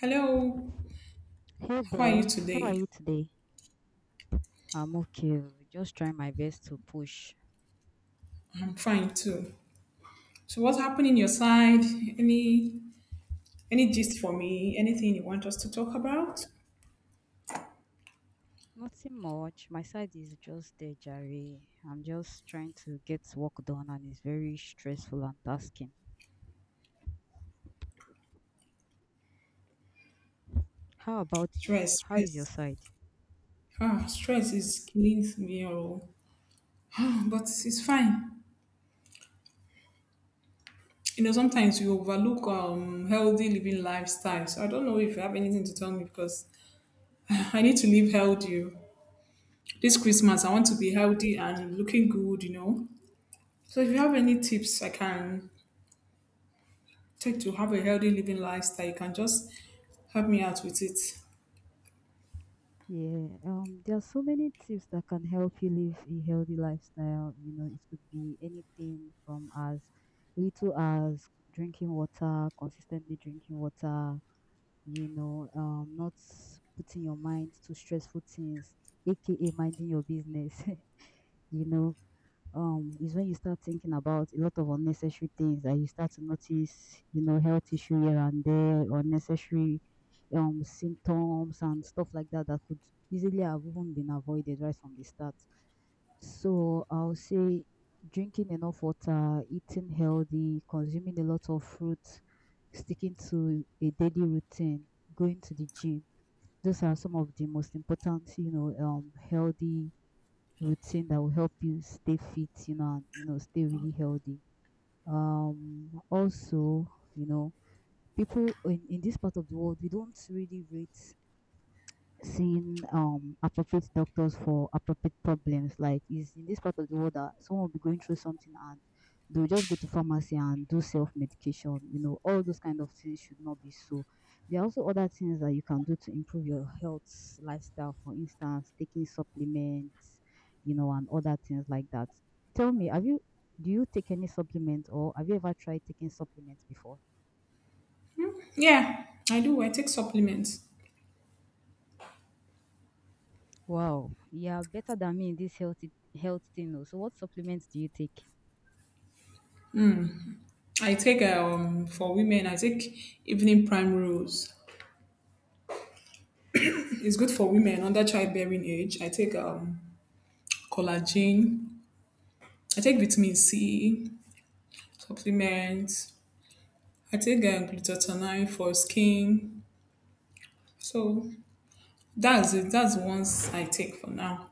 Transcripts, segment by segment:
Hello, Hey how are you there, how are today? you today? I'm okay. Oh, Just trying my best to push. I'm fine too. So what's happening your side? Any any gist for me? Anything you want us to talk about? Nothing much. My side is just there, Jerry. I'm just trying to get work done and it's very stressful and tasking. How about you? Stress, How is your stress. side? Stress is killing me all. But it's fine. You know, sometimes we overlook healthy living lifestyle. So I don't know if you have anything to tell me because I need to live healthy. Oh, this Christmas I want to be healthy and looking good, you know. So if you have any tips I can take to have a healthy living lifestyle, you can just help me out with it. Yeah, there are so many tips that can help you live a healthy lifestyle. You know, it could be anything from as little as drinking water, consistently drinking water, not putting your mind to stressful things, aka minding your business, you know is when you start thinking about a lot of unnecessary things that you start to notice, you know, health issue here and there, unnecessary symptoms and stuff like that that could easily have even been avoided right from the start. So I'll say drinking enough water, eating healthy, consuming a lot of fruits, sticking to a daily routine, going to the gym. Those are some of the most important, healthy routine that will help you stay fit, you know, and you know, stay really healthy. Also, you know, people in this part of the world, we don't really rate seeing appropriate doctors for appropriate problems. Like is in this part of the world that someone will be going through something and they'll just go to pharmacy and do self medication. You know, all those kind of things should not be so. There are also other things that you can do to improve your health lifestyle, for instance, taking supplements, you know, and other things like that. Tell me, have you do you take any supplement or have you ever tried taking supplements before? Yeah, I do. I take supplements. Wow, you're better than me in this healthy health thing. Oh. So what supplements do you take? I take for women. I take evening prime rose. It's good for women under childbearing age. I take collagen. I take vitamin C supplements. I take glutathione for skin. So that's it. That's the ones I take for now.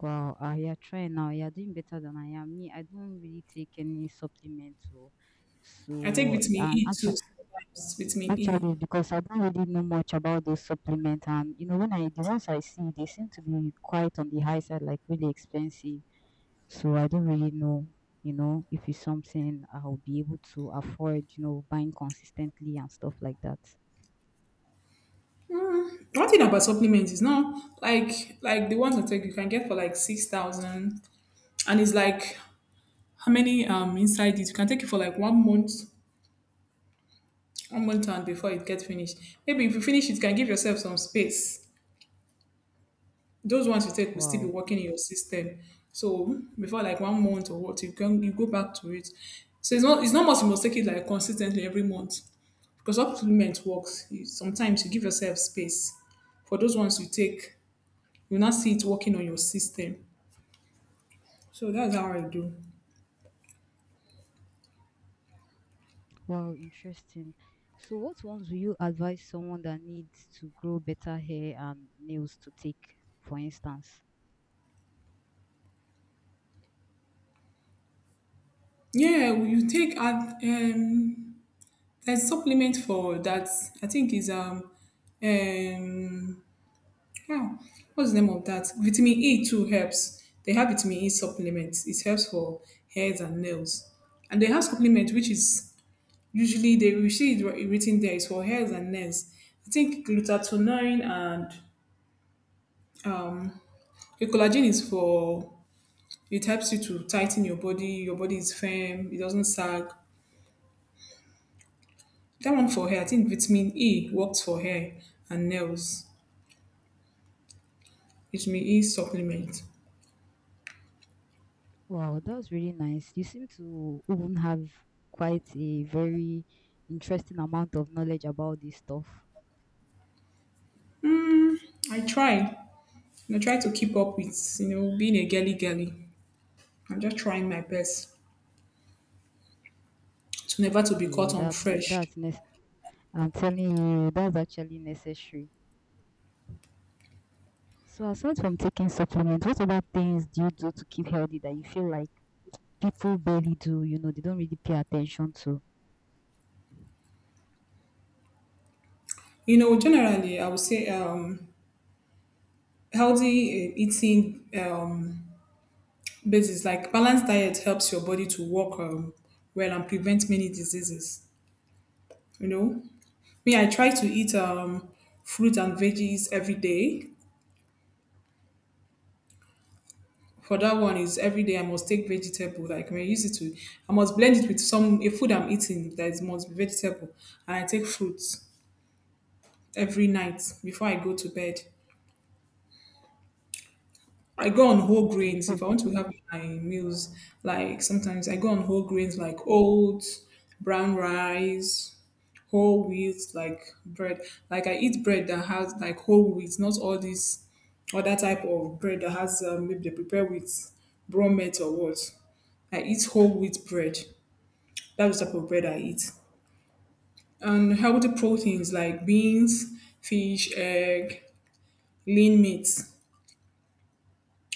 Wow, ah, you're trying now. You're doing better than I am. Me, I don't really take any supplements. So, I take so vitamin and E too actually, sometimes. Vitamin E. actually, because I don't really know much about those supplements, and you know, when I the ones I see, they seem to be quite on the high side, like really expensive. So I don't really know, you know, if it's something I'll be able to afford, you know, buying consistently and stuff like that. Mm, one thing about supplements is not like the ones I take you can get for like 6,000, and it's like how many inside it. You can take it for like 1 month, 1 month and before it gets finished. Maybe if you finish it you can give yourself some space. Those ones you take will still be Wow. working in your system. So before like 1 month or what you can you go back to it. So it's not much, you must take it like consistently every month because supplement works. You, sometimes you give yourself space for those ones you take, you will not see it working on your system. So that's how I do. Wow, interesting. So, what ones would you advise someone that needs to grow better hair and nails to take, for instance? Yeah, well, you take there's supplement for that. I think is um ah, what's the name of that? Vitamin E too helps. They have vitamin E supplements. It helps for hairs and nails, and they have supplement which is usually they will see it written there is for hairs and nails. I think glutathione and um the collagen is for, it helps you to tighten your body. Your body is firm. It doesn't sag. That one for hair, I think vitamin E works for hair and nails. Vitamin E supplement. Wow, that's really nice. You seem to even have quite a very interesting amount of knowledge about this stuff. I try. And I try to keep up with, you know, being a girly girly. I'm just trying my best to never to be caught Yeah, on fresh. I'm telling you, that's actually necessary. So, aside from taking supplements, what other things do you do to keep healthy that you feel like people barely do? You know, they don't really pay attention to. You know, generally, I would say healthy eating basis, like balanced diet helps your body to work well and prevent many diseases. You know, me, I try to eat fruit and veggies every day. For that one is every day I must take vegetable. Like when I use it to, I must blend it with some a food I'm eating that is must be vegetable, and I take fruits every night before I go to bed. I go on whole OK. grains Oh, if I want to have my meals. Like sometimes I go on whole grains like oats, brown rice, whole wheat, like bread. Like I eat bread that has like whole wheat, not all this other type of bread that has maybe they prepare with brown meat or what. I eat whole wheat bread. That's the type of bread I eat. And healthy proteins like beans, fish, egg, lean meats.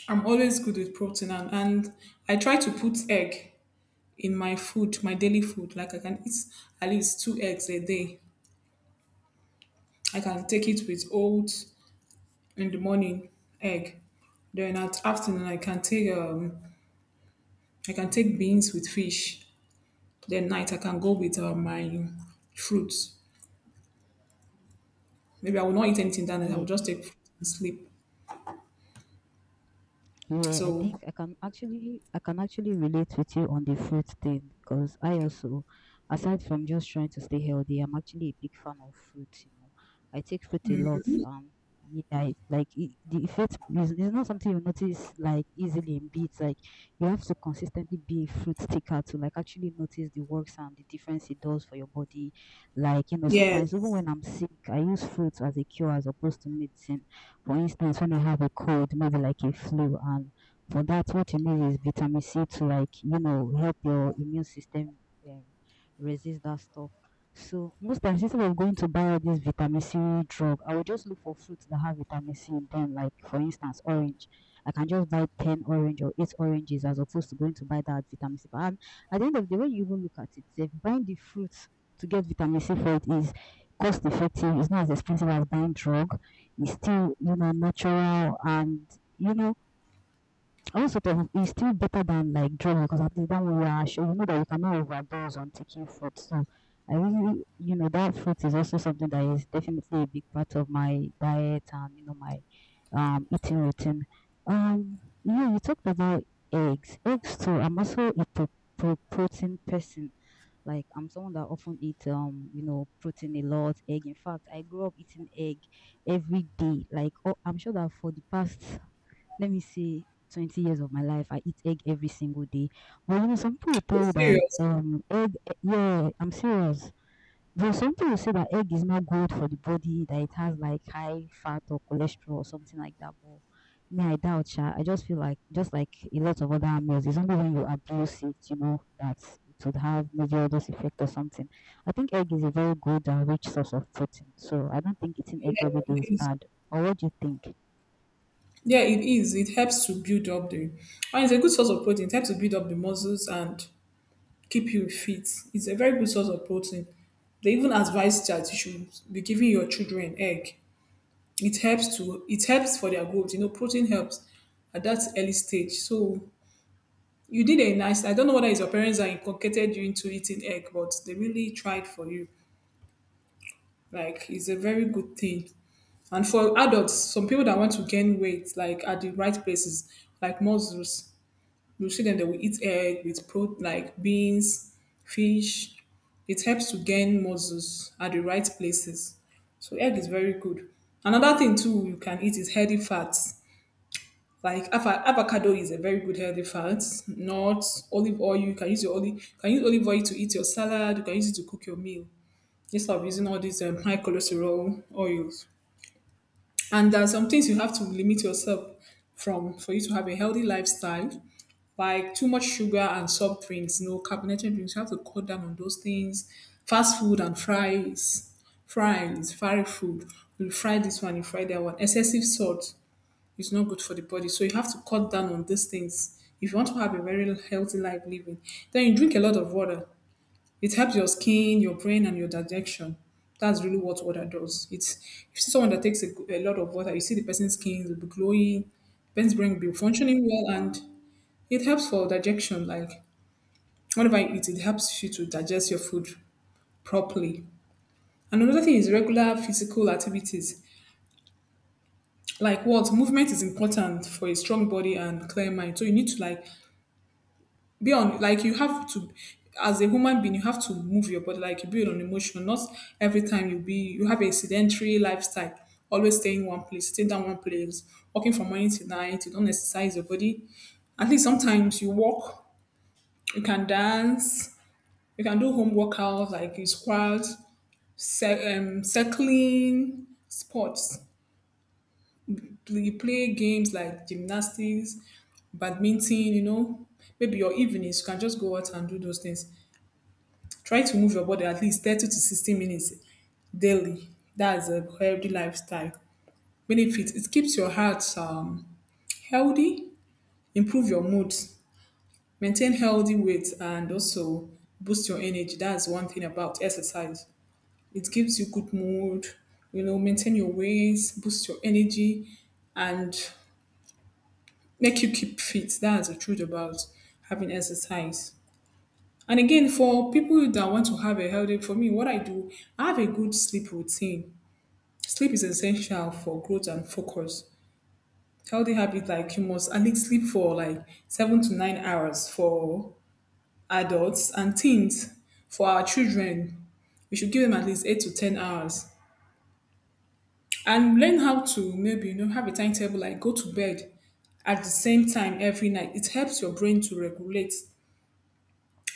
I'm always good with protein, and I try to put egg in my food, my daily food. Like I can eat at least two eggs a day. I can take it with oats in the morning, egg. Then at afternoon I can take beans with fish. Then night I can go with my fruits. Maybe I will not eat anything that night. I il will est just take fruit and sleep. yeah, I So think I can actually relate with you on the fruit thing because I also, aside from just trying to stay healthy, I'm actually a big fan of fruit. You know, I take fruit a lot. Yeah, like it, the effect is it's not something you notice like easily in beats. Like you have to consistently be a fruit taker to like actually notice the works and the difference it does for your body. Like you know, sometimes even yes, when I'm sick, I use fruit as a cure as opposed to medicine for instance, when I have a cold, maybe like a flu, and for that, what you need is vitamin C to like you know help your immune system um, resist that stuff. So most times instead of going to buy all this vitamin C drug, I will just look for fruits that have vitamin C in them. Like for instance, orange. I can just buy ten orange or eight oranges as opposed to going to buy that vitamin C. And at the end of the day, when you even look at it, if buying the fruits to get vitamin C for it is cost effective, it's not as expensive as buying drug is still, you know, natural and, you know, also, though, it's still better than like drugs because at least when you are sure you know that you cannot overdose on taking fruit. So, I really, you know, that fruit is also something that is definitely a big part of my diet and you know my eating routine. Um, yeah, you talked about eggs. Eggs too. I'm also a protein person. Like I'm someone that often eat you know protein a lot, egg. In fact, I grew up eating egg every day. Like oh, I'm sure that for the past let me say 20 years of my life, I eat egg every single day. But you know, some people will are tell you that serious? Egg eh, yeah, I'm serious. Though some people will say that egg is not good for the body, that it has like high fat or cholesterol or something like that. But me, I doubt sha. I just feel like just like a lot of other meals, it's only when you abuse it, you know, that it would have maybe odorous effect or something. I think egg is a very good and rich source of protein. So I don't think eating egg every Yeah, day is it is. bad. Or what do you think? Yeah, it is. It helps to build up the, and it's a good source of protein. It helps to build up the muscles and keep you fit. It's a very good source of protein. They even advise that you should be giving your children egg. It helps to, it helps for their growth. You know, protein helps at that early stage. So you did a nice. I don't know whether it's your parents that inculcated you into eating egg, but they really tried for you. Like it's a very good thing. And for adults, some people that want to gain weight, like at the right places, like mussels, you see them, they will eat egg with pro like beans, fish. It helps to gain muscles at the right places. So egg is very good. Another thing too you can eat is healthy fats. Like avocado is a very good healthy fat. Nuts, olive oil. You can use your olive. You can use olive oil to eat your salad. You can use it to cook your meal instead of using all these high cholesterol oils. And there are some things you have to limit yourself from for you to have a healthy lifestyle, like too much sugar and soft drinks, no carbonated drinks. You have to cut down on those things. Fast food and fries, fry food. You fry this one, you fry that one. Excessive salt is not good for the body. So you have to cut down on these things. If you want to have a very healthy life living, then you drink a lot of water. It helps your skin, your brain, and your digestion. That's really what water does. It's if you see someone that takes a, a lot of water, you see the person's skin will be glowing, person's brain will be functioning well, and it helps for digestion. Like whenever you eat, it helps you to digest your food properly. And another thing is regular physical activities. Like what movement is important for a strong body and clear mind. So you need to like be on like you have to as a human being you have to move your body like you build on emotion, not every time you be you have a sedentary lifestyle, always stay in one place, stay down one place, walking from morning to night you don't exercise your body. At least sometimes you walk, you can dance, you can do home workouts like you squat, cycling sports, you play games like gymnastics, badminton, you know, maybe your evenings you can just go out and do those things. Try to move your body at least 30 to 60 minutes daily. That's a healthy lifestyle. Benefits it keeps your heart healthy, improve your mood, maintain healthy weight, and also boost your energy. That's one thing about exercise. It gives you good mood, you know, maintain your weight, boost your energy, and make you keep fit. That's the truth about having exercise. And again, for people that want to have a healthy, for me, what I do, I have a good sleep routine. Sleep is essential for growth and focus. Healthy habits like you must at least sleep for like 7 to 9 hours for adults and teens. For our children, we should give them at least 8 to 10 hours, and learn how to maybe you know have a timetable like go to bed at the same time every night. It helps your brain to regulate.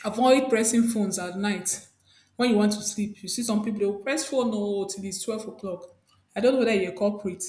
Avoid pressing phones at night when you want to sleep. You see some people they will press phone oh till it's 12 o'clock. I don't know whether you're a culprit.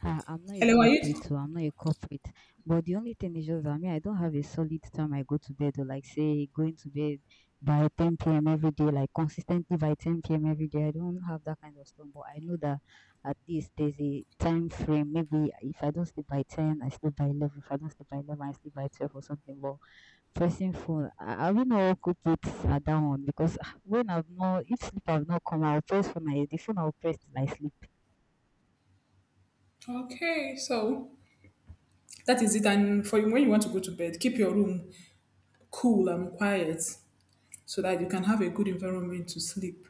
Ah, I'm not a Hello, are culprit you? too. I'm not a culprit. But the only thing is just that me, I don't have a solid time I go to bed or like say going to bed by 10 p.m. every day, like consistently by 10 p.m. every day. I don't have that kind of stuff. But I know that at least there's a time frame. Maybe if I don't sleep by 10, I sleep by 11. If I don't sleep by 11, I sleep by 12 or something. But pressing phone, I will not culprit at that one because ah, when I've not, if sleep I've not come, I'll press phone. I, the phone I'll press till I sleep. Okay, so that is it. And for when you want to go to bed, keep your room cool and quiet so that you can have a good environment to sleep.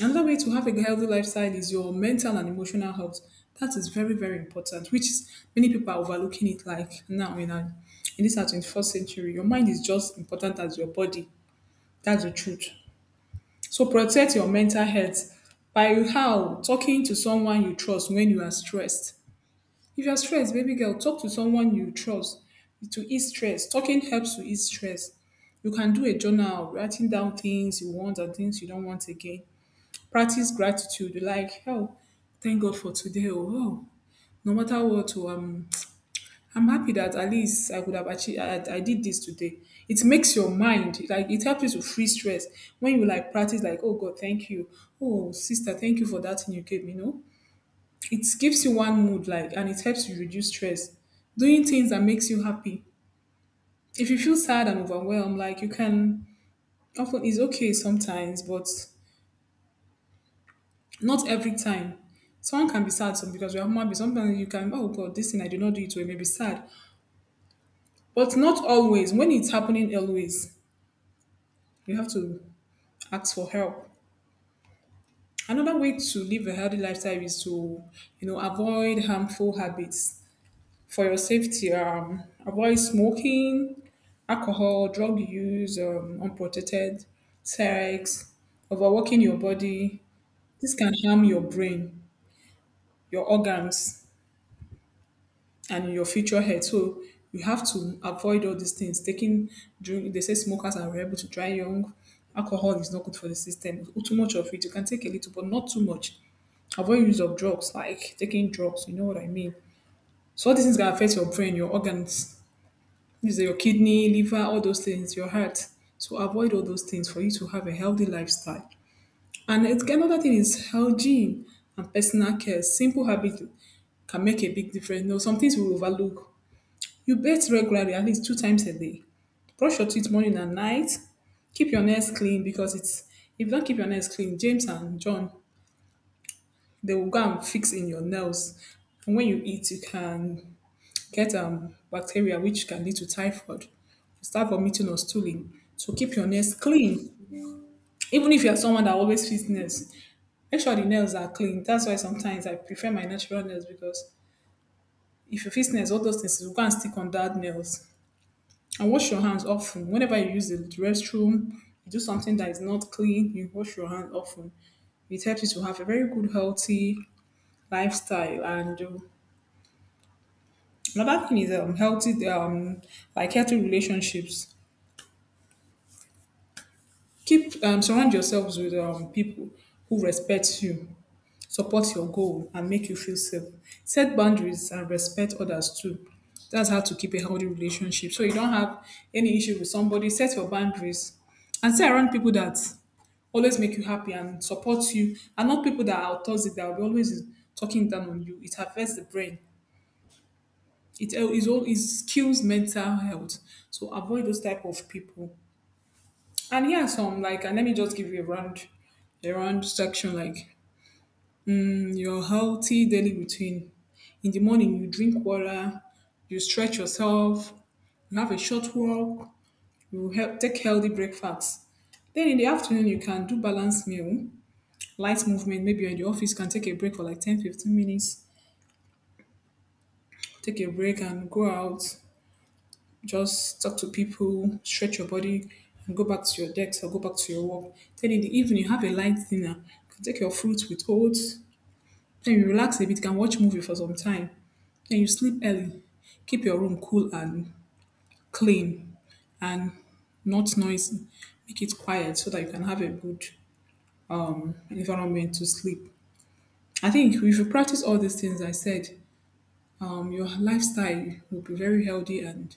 Another way to have a healthy lifestyle is your mental and emotional health. That is very, very important, which is many people are overlooking it like now our, in this our 21st century. Your mind is just important as your body. That's the truth. So protect your mental health by how? Talking to someone you trust when you are stressed. If you're stressed, baby girl, talk to someone you trust to ease stress. Talking helps to ease stress. You can do a journal, writing down things you want and things you don't want again. Practice gratitude, like, oh, thank God for today. Oh, oh, no matter what, oh, I'm happy that at least I could have achieved, I did this today. It makes your mind, like, it helps you to free stress. When you, like, practice, like, oh, God, thank you. Oh, sister, thank you for that thing you gave me, no? It gives you one mood like and it helps you reduce stress. Doing things that makes you happy. If you feel sad and overwhelmed, like you can often it's okay sometimes, but not every time. Someone can be sad some because we are human beings. Sometimes you can, oh God, this thing I did not do it well, maybe sad. But not always. When it's happening always, you have to ask for help. Another way to live a healthy lifestyle is to, you know, avoid harmful habits for your safety. Avoid smoking, alcohol, drug use, unprotected sex, overworking your body. This can harm your brain, your organs, and your future health. So you have to avoid all these things. Taking drink, they say smokers are able to die young. Alcohol is not good for the system. Too much of it, you can take a little, but not too much. Avoid use of drugs, like taking drugs. You know what I mean. So all these things can affect your brain, your organs. These are your kidney, liver, all those things, your heart. So avoid all those things for you to have a healthy lifestyle. And it's, another thing is hygiene and personal care. Simple habits can make a big difference. You know, some things we overlook. You bathe regularly, at least two times a day. Brush your teeth morning and night. Keep your nails clean because it's if you don't keep your nails clean, James and John, they will go and fix in your nails. And when you eat, you can get bacteria which can lead to typhoid. You start vomiting or stooling. So keep your nails clean. Even if you're someone that always fits nails, make sure the nails are clean. That's why sometimes I prefer my natural nails because if you fix nails, all those things will go and stick on that nails. And wash your hands often. Whenever you use the restroom, you do something that is not clean, you wash your hands often, it helps you to have a very good healthy lifestyle. And another thing is healthy like healthy relationships. Keep Surround yourselves with people who respect you, support your goal, and make you feel safe. Set boundaries and respect others too. That's how to keep a healthy relationship. So you don't have any issue with somebody. Set your boundaries and stay around people that always make you happy and support you, and not people that are toxic that will be always talking down on you. It affects the brain. It is all it kills mental health. So avoid those type of people. And here are some like, and let me just give you a round section like, your healthy daily routine. In the morning, you drink water, you stretch yourself, you have a short walk, you help take healthy breakfast. Then in the afternoon, you can do balanced meal, light movement. Maybe you're in the office, can take a break for like 10 15 minutes, take a break and go out. Just talk to people, stretch your body, and go back to your desk or go back to your work. Then in the evening, have a light dinner. You can take your fruits with oats. Then you relax a bit, you can watch movie for some time. Then you sleep early. Keep your room cool and clean and not noisy. Make it quiet so that you can have a good environment to sleep. I think if you practice all these things I said, your lifestyle will be very healthy and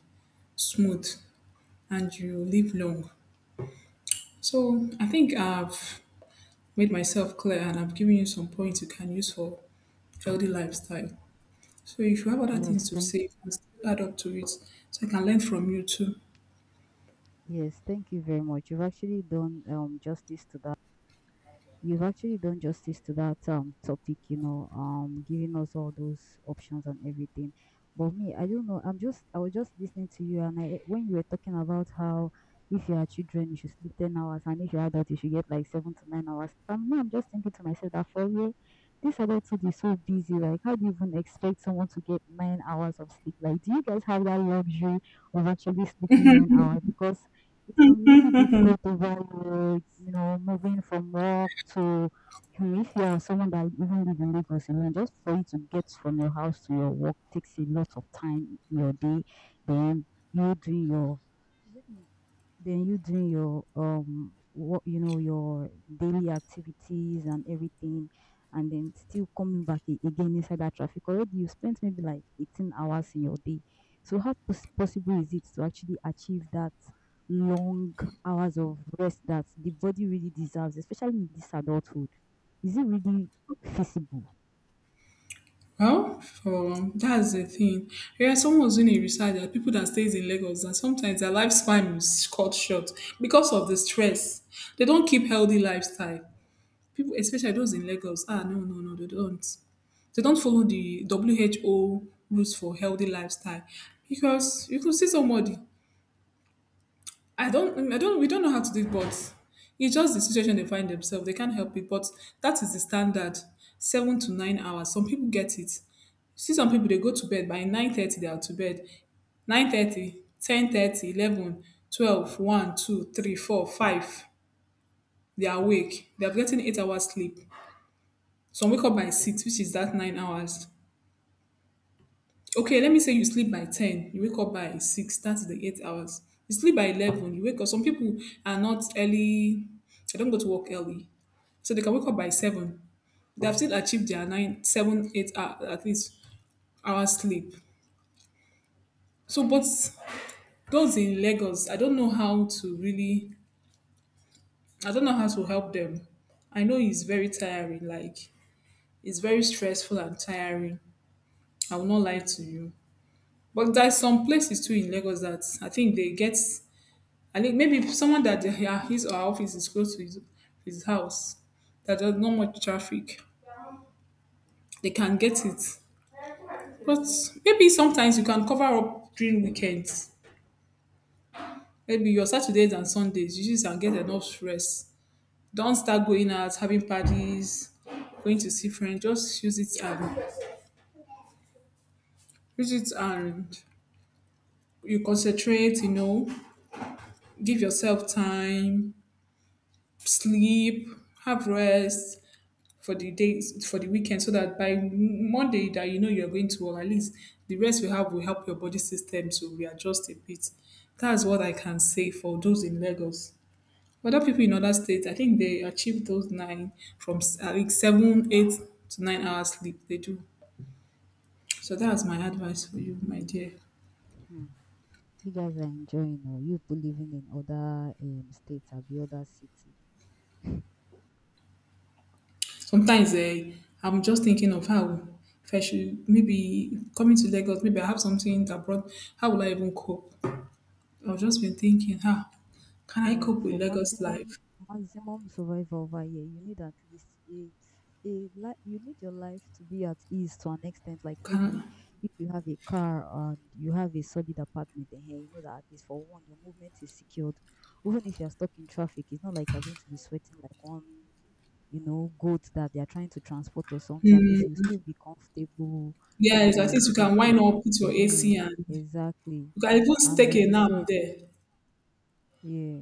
smooth, and you live long. So I think I've made myself clear and I've given you some points you can use for healthy lifestyle. So if you have other Yes, things to thank say, you can still add up to it so I can learn from you too. Yes, thank you very much. You've actually done justice to that. You've actually done justice to that topic, you know, giving us all those options and everything. But me, I don't know. I was just listening to you and I when you were talking about how if you are children you should sleep 10 hours and if you're adult you should get like 7 to 9 hours. And now I'm just thinking to myself that for real, this adulthood is so busy. Like how do you even expect someone to get 9 hours of sleep? Like do you guys have that luxury of actually sleeping 9 hours? Because it can be really difficult over you you know moving from work to you if you are someone that even live in Lagos alone, just for you to get from your house to your work takes a lot of time in your day. Then you doing your then you doing your what you know your daily activities and everything, and then still coming back again inside that traffic. Already you spent maybe like 18 hours in your day. So how possible is it to actually achieve that long hours of rest that the body really deserves, especially in this adulthood? Is it really feasible? Well, for, that's the thing. Yeah, someone was doing a research that people that stays in Lagos that sometimes their lifespan is cut short because of the stress. They don't keep healthy lifestyle. People, especially those in Lagos, ah, no, no, no, they don't. They don't follow the WHO rules for healthy lifestyle because you could see somebody. I don't, we don't know how to do it, but it's just the situation they find themselves. They can't help it, but that is the standard, 7 to 9 hours. Some people get it. See some people they go to bed by 9:30. They are to bed. 9:30, 10:30, 11, 12, one, two, three, four, five. They are awake. They have gotten 8 hours sleep. Some wake up by 6, which is that 9 hours. Okay, let me say you sleep by 10, you wake up by 6, that's the 8 hours. You sleep by 11, you wake up. Some people are not early, they don't go to work early. So they can wake up by 7. They have still achieved their nine, seven, eight, 7, at least hours sleep. So, but those in Lagos, I don't know how to really, I don't know how to help them. I know it's very tiring, like, it's very stressful and tiring. I will not lie to you. But there's some places too in Lagos that I think they get. I think maybe someone that they, yeah, his or her office is close to his house, that there's not much traffic, they can get it. But maybe sometimes you can cover up during weekends. Maybe your Saturdays and Sundays, you just can get enough rest. Don't start going out, having parties, going to see friends. Just use it and you concentrate. You know, give yourself time, sleep, have rest for the days for the weekend so that by M- Monday that you know you're going to work, at least the rest we have will help your body system to readjust a bit. That's what I can say for those in Lagos. Other people in other states, I think they achieve those nine from s- I think seven, 8 to 9 hours sleep. They do. So that's my advice for you, my dear. Hmm. You guys are enjoying or you two living in other states or the other city. Sometimes eh, I'm just thinking of how if I should maybe coming to Lagos, maybe I have something abroad. How will I even cope? I've just been thinking, ah, can I Like cope with for Lagos maximum life? maximum survival over here, you need at least you need your life to be at ease to an extent. Like Can maybe if you have a car and you have a solid apartment in here, you know that at least for one, your movement is secured. Even if you're stuck in traffic, it's not like you're going to be sweating like one you know, goals that they are trying to transport or something, at least you still be comfortable, yes, at you least know you that can okay, wind up, put your AC, uh and you exactly. can even And take like a you nap said, there. yeah,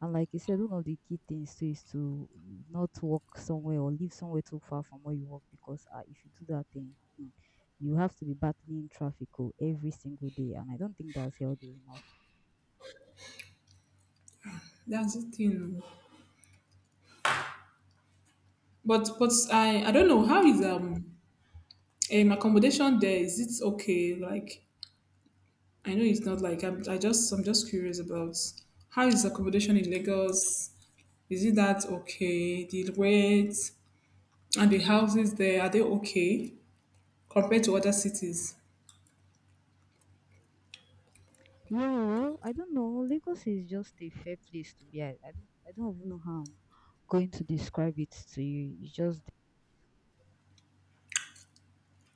and like you said, one of the key things too is to not work somewhere or live somewhere too far from where you work because if you do that thing, hmm, you have to be battling traffic oh, every single day, and I don't think that's healthy. In That's the thing. But I don't know how is accommodation there. Is it okay? Like I know it's not like I'm. I'm just curious about how is accommodation in Lagos? Is it that okay? The rates and the houses there are they okay compared to other cities? yeah, well, I don't know. Lagos is just a fair place to be. I don't even know how I'm going to describe it to you. It's just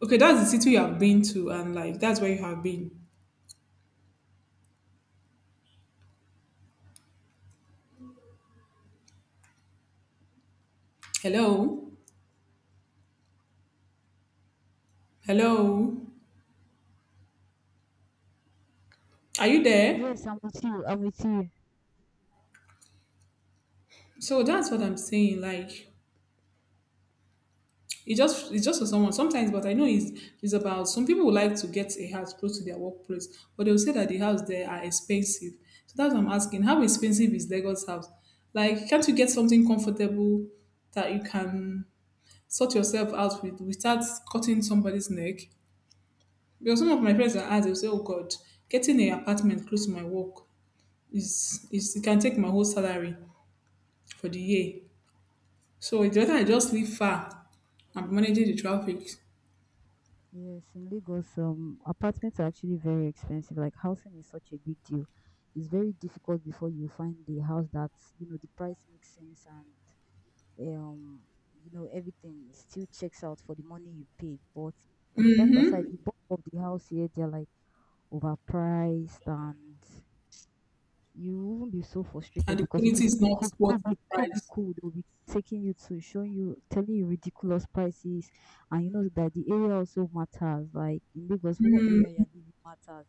Okay, that's the city you have been to, and like that's where you have been. Hello, hello, are you there? yes, I'm with you. I'm with you. So that's what I'm saying. Like, it's just for someone sometimes, but I know it's about some people would like to get a house close to their workplace, but they will say that the house there are expensive. So that's what I'm asking. How expensive is Lagos house? Like, can't you get something comfortable that you can sort yourself out with without cutting somebody's neck? Because some of my friends are asked, they'll say, oh God, getting an apartment close to my work is it can take my whole salary for the year. So it's better I just live far. I'm managing the traffic Yes, in Lagos, apartments are actually very expensive. Like housing is such a big deal. It's very difficult before you find the house that you know the price makes sense and um you know everything still checks out for the money you paid. But ah, that aside, the bulk of the house here they're like overpriced and you won't be so and frustrated the because if you quality see is the not cold, worth cold, be the cold, be price. cold, they'll be taking you to showing you, telling you ridiculous prices, and you know that the area also matters. Like in Lagos, what area you're living matters.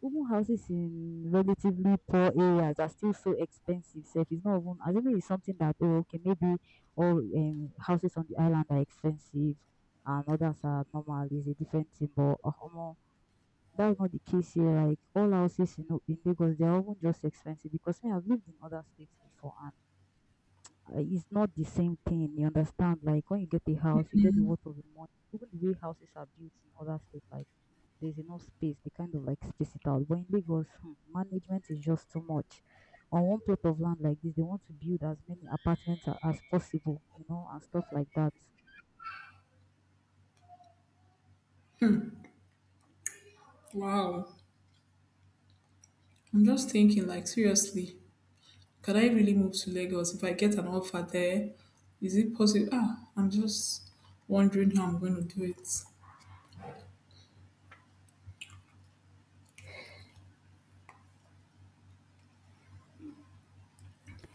Even houses in relatively poor areas are still so expensive. So if it's not even, I think it's something that oh, okay, maybe all houses on the island are expensive, and others are normal. It's a different thing, but that's not the case here. Like all houses in, in Lagos, they're often just expensive because me, I've lived in other states before and it's not the same thing. You understand? Like when you get a house, you get the worth of the money. Even the way houses are built in other states, like there's enough space, they kind of like space it out. But in Lagos, hmm, management is just too much. On one plot of land like this, they want to build as many apartments as possible, you know, and stuff like that. Wow. I'm just thinking like seriously, can I really move to Lagos if I get an offer there? Is it possible? Ah, I'm just wondering how I'm going to do it.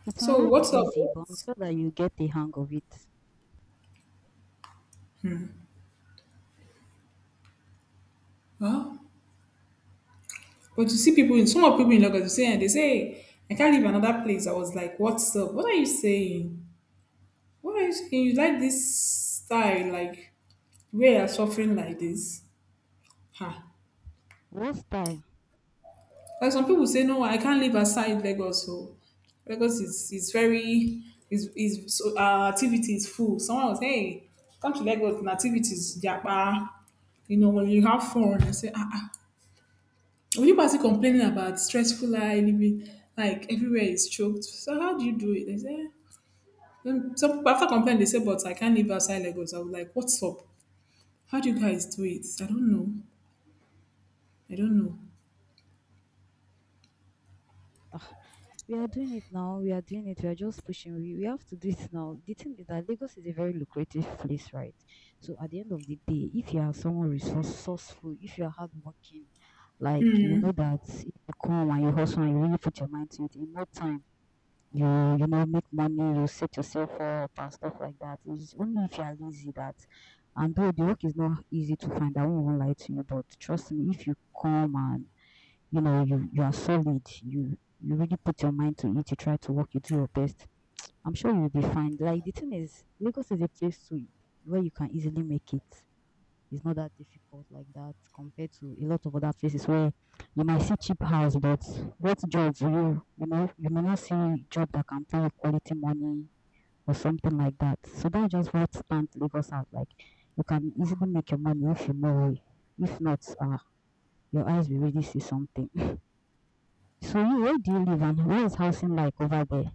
It may So not what's be up? easy, but I'm sure that you get the hang of it. Well, but you see people in some of people in Lagos they say "Hey, I can't leave another place. I was like, what's up? What are you saying? Why are you saying you like this style, like where you're suffering like this? Huh?" What style? Like some people say, no, I can't live aside Lagos. So Lagos is very is so activity is full. Someone was hey, come to Lagos and activities japa. You know when you have fun, I say ah ah. When people are still complaining about stressful life, living like everywhere is choked. So how do you do it? They say, "Eh." Then some people after complaining, they say, but I can't live outside Lagos. I was like, what's up? How do you guys do it? I don't know. We are doing it now. We are doing it. We are just pushing. We have to do it now. The thing is that Lagos is a very lucrative place, right? So at the end of the day, if you are someone resourceful, if you are hardworking, like you know that if you come and you hustle and you really put your mind to it, in no time you you know make money you set yourself up and stuff like that it's only if you are lazy that and though the work is not easy to find I won't even lie to you but trust me if you come and you know you are solid you really put your mind to it you try to work you do your best I'm sure you'll be fine like the thing is lagos is a place to where you can easily make it it's not that difficult like that compared to a lot of other places where you might see cheap house, but what job will you, you know, you may not see job that can pay you quality money or something like that. So that's just what stands Lagos out. Like you can easily make your money if you know if not, your eyes will really see something. So you, where do you live and where is housing like over there?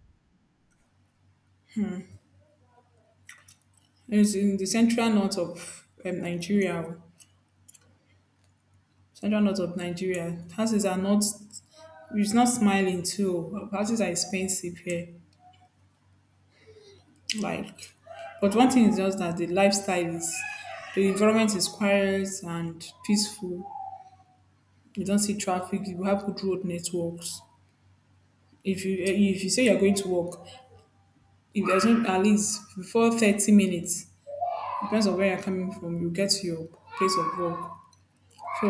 It's in the central north of Nigeria. Central north of Nigeria. Houses are not. It's not smiling too. Houses are expensive here. Like, but one thing is just that the lifestyle is, the environment is quiet and peaceful. You don't see traffic. You have good road networks. If you say you're going to work, if there's no at least before 30 minutes, depends on where you're coming from, you get to your place of work. So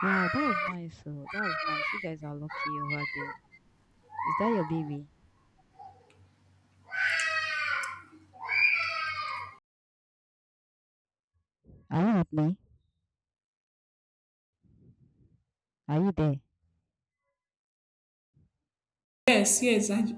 Wow, that is nice. Oh, that is nice. You guys are lucky over there. Is that your baby? Are you with me? Are you there? yes, yes, I,